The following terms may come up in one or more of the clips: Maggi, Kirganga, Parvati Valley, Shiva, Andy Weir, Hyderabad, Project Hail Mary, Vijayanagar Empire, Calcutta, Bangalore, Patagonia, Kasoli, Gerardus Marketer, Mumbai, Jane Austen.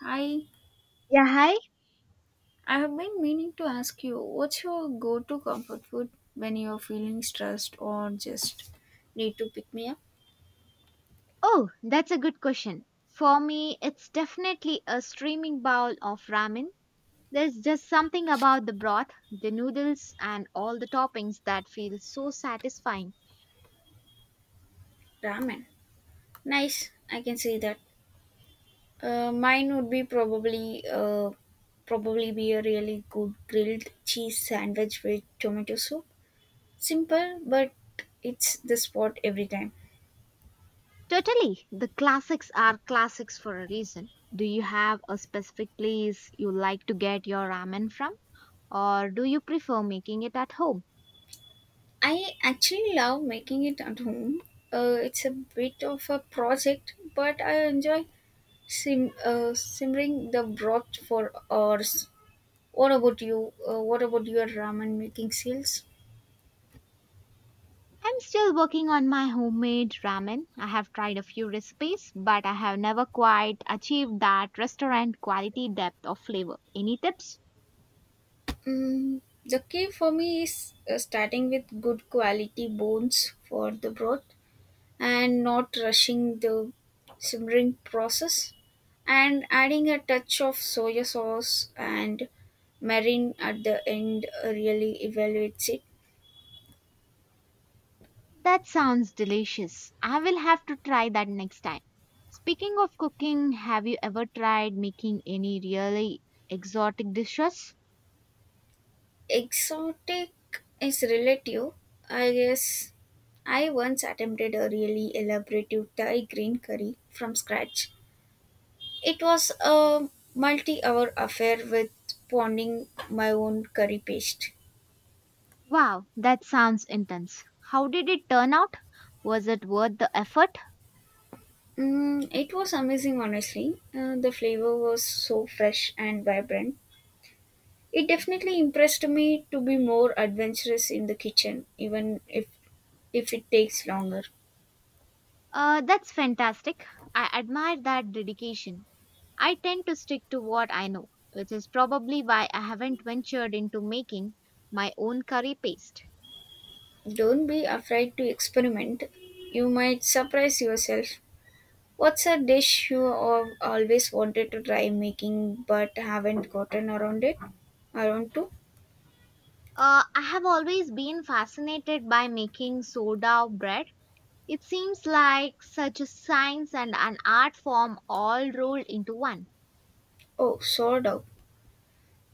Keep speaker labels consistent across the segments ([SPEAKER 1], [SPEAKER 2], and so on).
[SPEAKER 1] Hi,
[SPEAKER 2] Yeah, hi.
[SPEAKER 1] I have been meaning to ask you what's your go to comfort food when you're feeling stressed or just need to pick me up?
[SPEAKER 2] Oh, that's a good question. For me, it's definitely a steaming bowl of ramen. There's just something about the broth, the noodles, and all the toppings that feels so satisfying.
[SPEAKER 1] Ramen. Nice, I can see that. Mine would be probably probably be a really good grilled cheese sandwich with tomato soup. Simple, but it's the spot every time.
[SPEAKER 2] Totally, the classics are classics for a reason. Do you have a specific place you like to get your ramen from, or do you prefer making it at home?
[SPEAKER 1] I actually love making it at home. It's a bit of a project, but I enjoy simmering the broth for hours. What about you? What about your ramen making skills?
[SPEAKER 2] I'm still working on my homemade ramen. I have tried a few recipes, but I have never quite achieved that restaurant quality depth of flavor. Any tips?
[SPEAKER 1] Mm, the key for me is starting with good quality bones for the broth and not rushing the simmering process, and adding a touch of soya sauce and marine at the end really evaluates it.
[SPEAKER 2] That sounds delicious. I will have to try that next time. Speaking of cooking, have you ever tried making any really exotic dishes?
[SPEAKER 1] Exotic is relative. I guess I once attempted a really elaborate Thai green curry from scratch. It was a multi hour affair with pounding my own curry paste.
[SPEAKER 2] Wow, that sounds intense. How did it turn out? Was it worth the effort?
[SPEAKER 1] Mm, it was amazing, honestly. The flavor was so fresh and vibrant. It definitely impressed me to be more adventurous in the kitchen, even if it takes longer.
[SPEAKER 2] That's fantastic. I admire that dedication. I tend to stick to what I know, which is probably why I haven't ventured into making my own curry paste.
[SPEAKER 1] Don't be afraid to experiment. You might surprise yourself. What's a dish you have always wanted to try making but haven't gotten around it? Around to?
[SPEAKER 2] I have always been fascinated by making soda bread. It seems like such a science and an art form all rolled into one.
[SPEAKER 1] Oh, sourdough.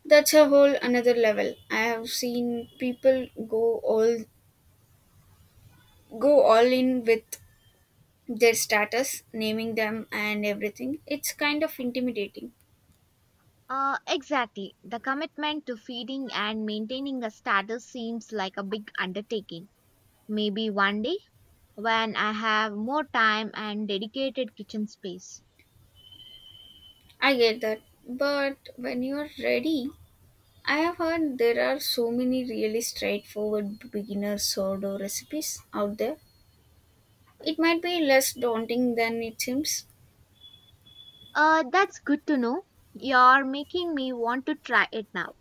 [SPEAKER 1] That's a whole another level. I have seen people go all in with their status, naming them and everything. It's kind of intimidating.
[SPEAKER 2] Exactly. The commitment to feeding and maintaining a status seems like a big undertaking. Maybe one day, when I have more time and dedicated kitchen space.
[SPEAKER 1] I get that. But when you're ready, I have heard there are so many really straightforward beginner sourdough recipes out there. It might be less daunting than it seems.
[SPEAKER 2] That's good to know. You're making me want to try it now.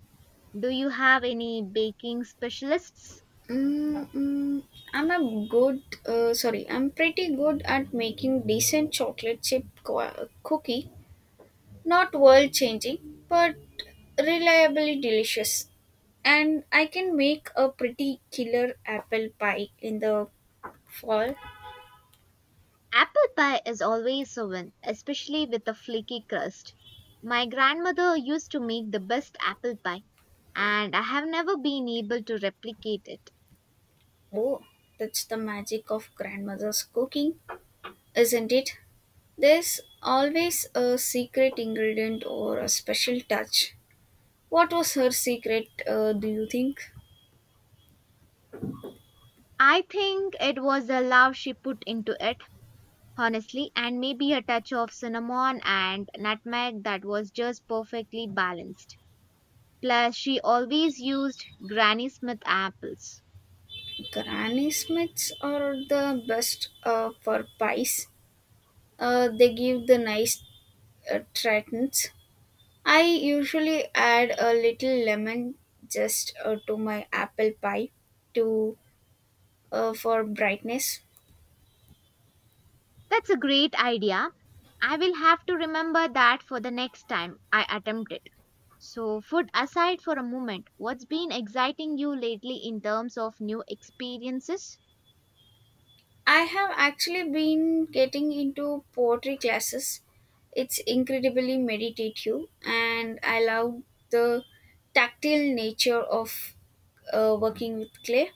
[SPEAKER 2] Do you have any baking specialists?
[SPEAKER 1] Mm, mm, I'm a I'm pretty good at making decent chocolate chip cookie. Not world changing, but reliably delicious. And I can make a pretty killer apple pie in the fall.
[SPEAKER 2] Apple pie is always a win, especially with a flaky crust. My grandmother used to make the best apple pie, and I have never been able to replicate it.
[SPEAKER 1] Oh, that's the magic of grandmother's cooking, isn't it? There's always a secret ingredient or a special touch. What was her secret, do you think?
[SPEAKER 2] I think it was the love she put into it, honestly, and maybe a touch of cinnamon and nutmeg that was just perfectly balanced. Plus, she always used Granny Smith apples.
[SPEAKER 1] Granny Smiths are the best for pies. They give the nice tritons. I usually add a little lemon just to my apple pie to for brightness.
[SPEAKER 2] That's a great idea. I will have to remember that for the next time I attempt it. So, food aside for a moment, what's been exciting you lately in terms of new experiences?
[SPEAKER 1] I have actually been getting into poetry classes. It's incredibly meditative, and I love the tactile nature of working with clay.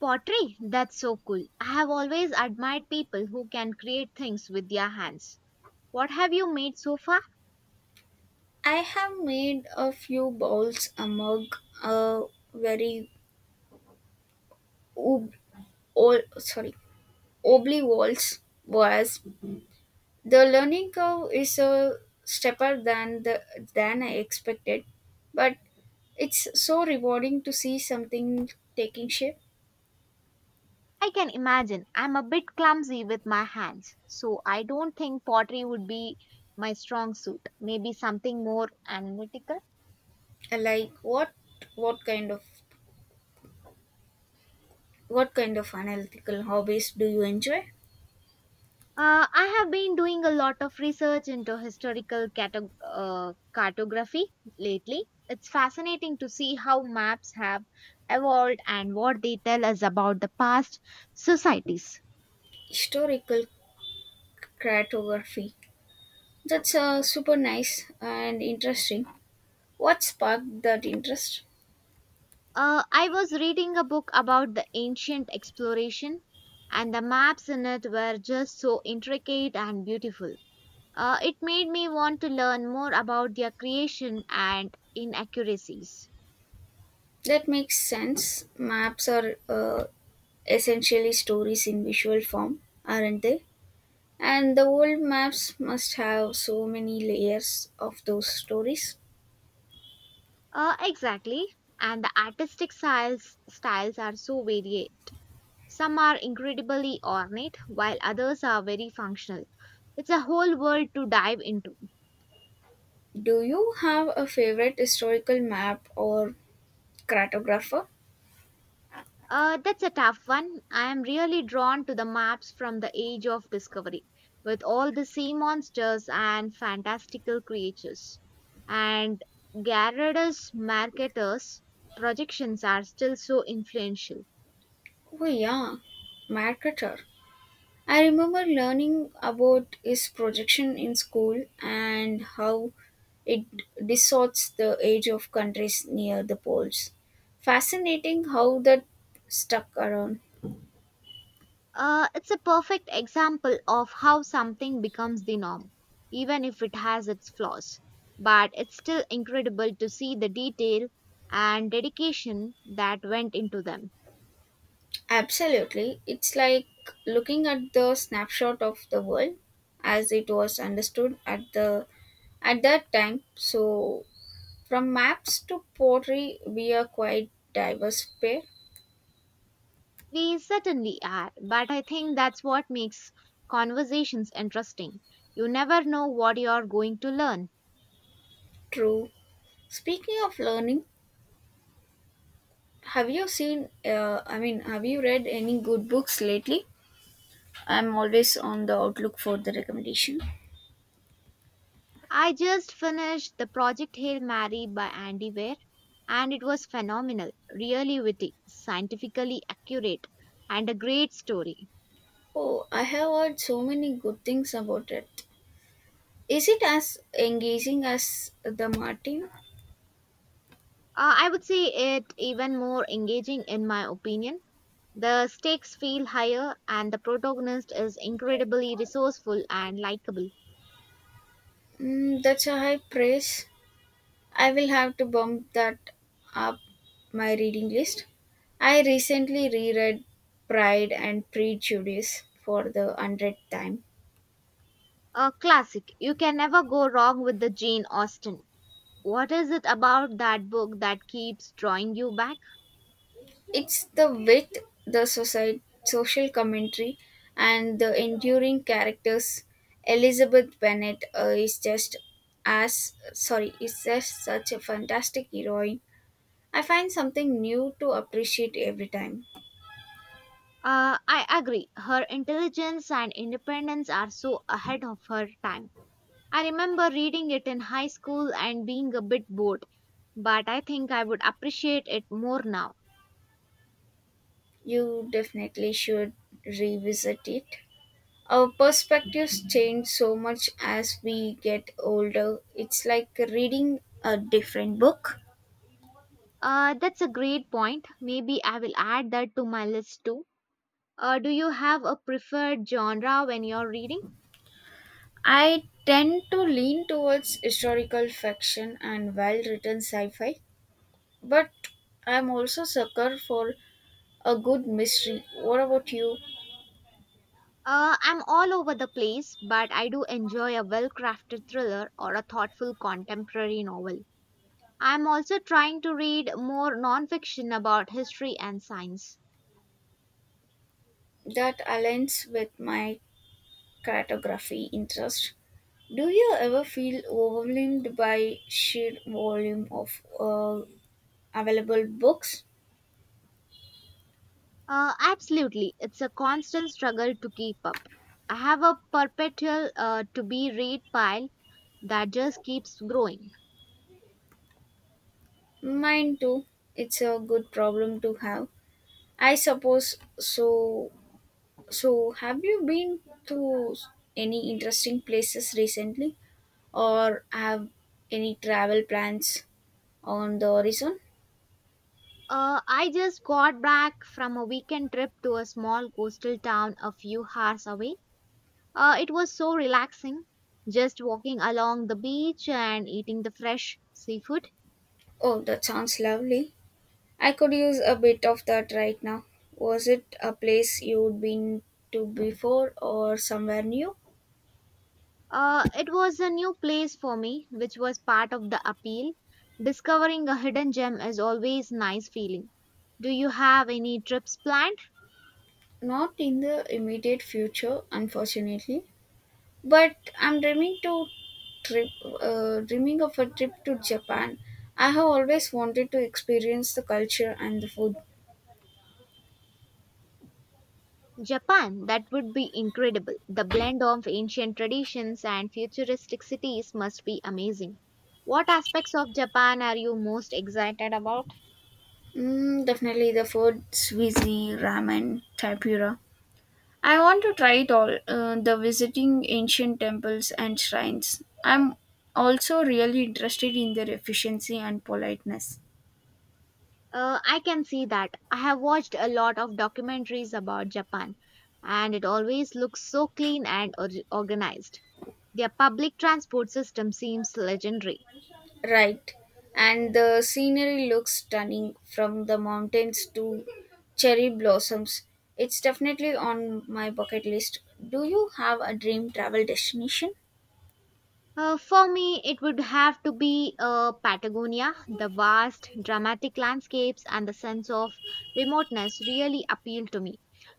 [SPEAKER 2] Pottery, that's so cool. I have always admired people who can create things with their hands. What have you made so far?
[SPEAKER 1] I have made a few bowls, a mug, a very ob- ol- sorry, oblong walls was. The learning curve is a stepper than the than I expected, but it's so rewarding to see something taking shape.
[SPEAKER 2] I can imagine. I'm a bit clumsy with my hands, so I don't think pottery would be my strong suit. Maybe something more analytical.
[SPEAKER 1] I Like what kind of what kind of analytical hobbies do you enjoy?
[SPEAKER 2] I have been doing a lot of research into historical cartography lately. It's fascinating to see how maps have evolved and what they tell us about the past societies.
[SPEAKER 1] Historical cartography. That's super nice and interesting. What sparked that interest?
[SPEAKER 2] I was reading a book about the ancient exploration, and the maps in it were just so intricate and beautiful. It made me want to learn more about their creation and inaccuracies.
[SPEAKER 1] That makes sense. Maps are essentially stories in visual form, aren't they? And the old maps must have so many layers of those stories.
[SPEAKER 2] Exactly. And the artistic styles are so varied. Some are incredibly ornate, while others are very functional. It's a whole world to dive into.
[SPEAKER 1] Do you have a favorite historical map or cartographer?
[SPEAKER 2] That's a tough one. I am really drawn to the maps from the Age of Discovery, with all the sea monsters and fantastical creatures. And Gerardus Marketer's projections are still so influential.
[SPEAKER 1] Oh, yeah, Mercator. I remember learning about his projection in school and how it distorts the age of countries near the poles. Fascinating how that stuck around.
[SPEAKER 2] It's a perfect example of how something becomes the norm, even if it has its flaws. But it's still incredible to see the detail and dedication that went into them.
[SPEAKER 1] Absolutely. It's like looking at the snapshot of the world as it was understood at the at that time. So from maps to pottery we are quite diverse pair.
[SPEAKER 2] We certainly are, but I think that's what makes conversations interesting. You never know what you're going to learn.
[SPEAKER 1] True. Speaking of learning, have you seen I mean have you read any good books lately? I'm always on the outlook for the recommendation.
[SPEAKER 2] I just finished the project Hail Mary by Andy Weir, and it was phenomenal, really witty, scientifically accurate, and a great story.
[SPEAKER 1] Oh, I have heard so many good things about it. Is it as engaging as the Martin?
[SPEAKER 2] I would say it even more engaging in my opinion. The stakes feel higher, and the protagonist is incredibly resourceful and likable.
[SPEAKER 1] Mm, that's a high praise. I will have to bump that up my reading list. I recently reread Pride and Prejudice for the hundredth time.
[SPEAKER 2] A classic. You can never go wrong with the Jane Austen. What is it about that book that keeps drawing you back?
[SPEAKER 1] It's the wit, the society, social commentary, and the enduring characters. Elizabeth Bennet is just such a fantastic heroine. I find something new to appreciate every time.
[SPEAKER 2] I agree. Her intelligence and independence are so ahead of her time. I remember reading it in high school and being a bit bored, but I think I would appreciate it more now.
[SPEAKER 1] You definitely should revisit it. Our perspectives change so much as we get older. It's like reading a different book.
[SPEAKER 2] That's a great point. Maybe I will add that to my list too. Do you have a preferred genre when you're reading?
[SPEAKER 1] I tend to lean towards historical fiction and well written sci fi, but I'm also sucker for a good mystery. What about you?
[SPEAKER 2] I'm all over the place, but I do enjoy a well crafted thriller or a thoughtful contemporary novel. I'm also trying to read more nonfiction about history and science.
[SPEAKER 1] That aligns with my cartography interest. Do you ever feel overwhelmed by sheer volume of available books.
[SPEAKER 2] Absolutely, it's a constant struggle to keep up. I have a perpetual to be read pile that just keeps growing.
[SPEAKER 1] Mine too. It's a good problem to have. I suppose so. So, have you been to any interesting places recently or have any travel plans on the horizon?
[SPEAKER 2] I just got back from a weekend trip to a small coastal town a few hours away. It was so relaxing, just walking along the beach and eating the fresh seafood.
[SPEAKER 1] Oh, that sounds lovely. I could use a bit of that right now. Was it a place you'd been to before or somewhere new?
[SPEAKER 2] It was a new place for me, which was part of the appeal. Discovering a hidden gem is always nice feeling. Do you have any trips planned?
[SPEAKER 1] Not in the immediate future, unfortunately. But I'm trip, dreaming of a trip to Japan. I have always wanted to experience the culture and the food.
[SPEAKER 2] Japan, that would be incredible. The blend of ancient traditions and futuristic cities must be amazing. What aspects of Japan are you most excited about?
[SPEAKER 1] Mm, definitely the food, sushi, ramen, tempura. I want to try it all. The visiting ancient temples and shrines. I'm also really interested in their efficiency and politeness.
[SPEAKER 2] I can see that. I have watched a lot of documentaries about Japan, and it always looks so clean and organized. Their public transport system seems legendary.
[SPEAKER 1] Right. And the scenery looks stunning from the mountains to cherry blossoms. It's definitely on my bucket list. Do you have a dream travel destination?
[SPEAKER 2] For me, it would have to be Patagonia. The vast, dramatic landscapes and the sense of remoteness really appeal to me.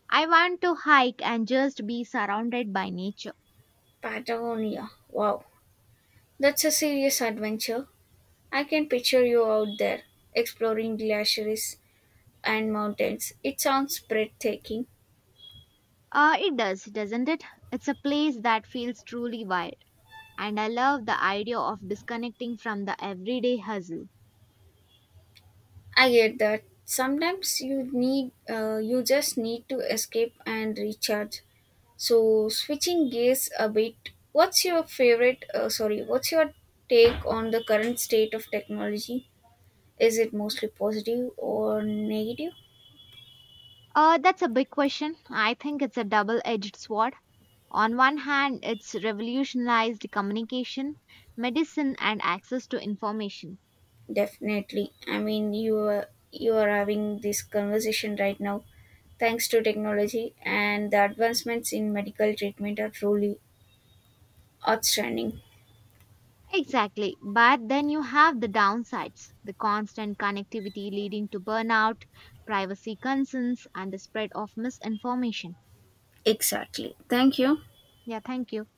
[SPEAKER 2] I want to hike and just be surrounded by nature.
[SPEAKER 1] Patagonia. Wow. That's a serious adventure. I can picture you out there exploring glaciers and mountains. It sounds breathtaking.
[SPEAKER 2] It does, doesn't it? It's a place that feels truly wild, and I love the idea of disconnecting from the everyday hustle.
[SPEAKER 1] I get that. Sometimes you just need to escape and recharge. So switching gears a bit, what's your take on the current state of technology? Is it mostly positive or negative?
[SPEAKER 2] That's a big question. I think it's a double edged sword. On one hand, it's revolutionized communication, medicine, and access to information.
[SPEAKER 1] Definitely. I mean, you are having this conversation right now thanks to technology, and the advancements in medical treatment are truly outstanding.
[SPEAKER 2] Exactly. But then you have the downsides the constant connectivity leading to burnout, privacy concerns, and the spread of misinformation.
[SPEAKER 1] Exactly. Thank you.
[SPEAKER 2] Yeah, thank you.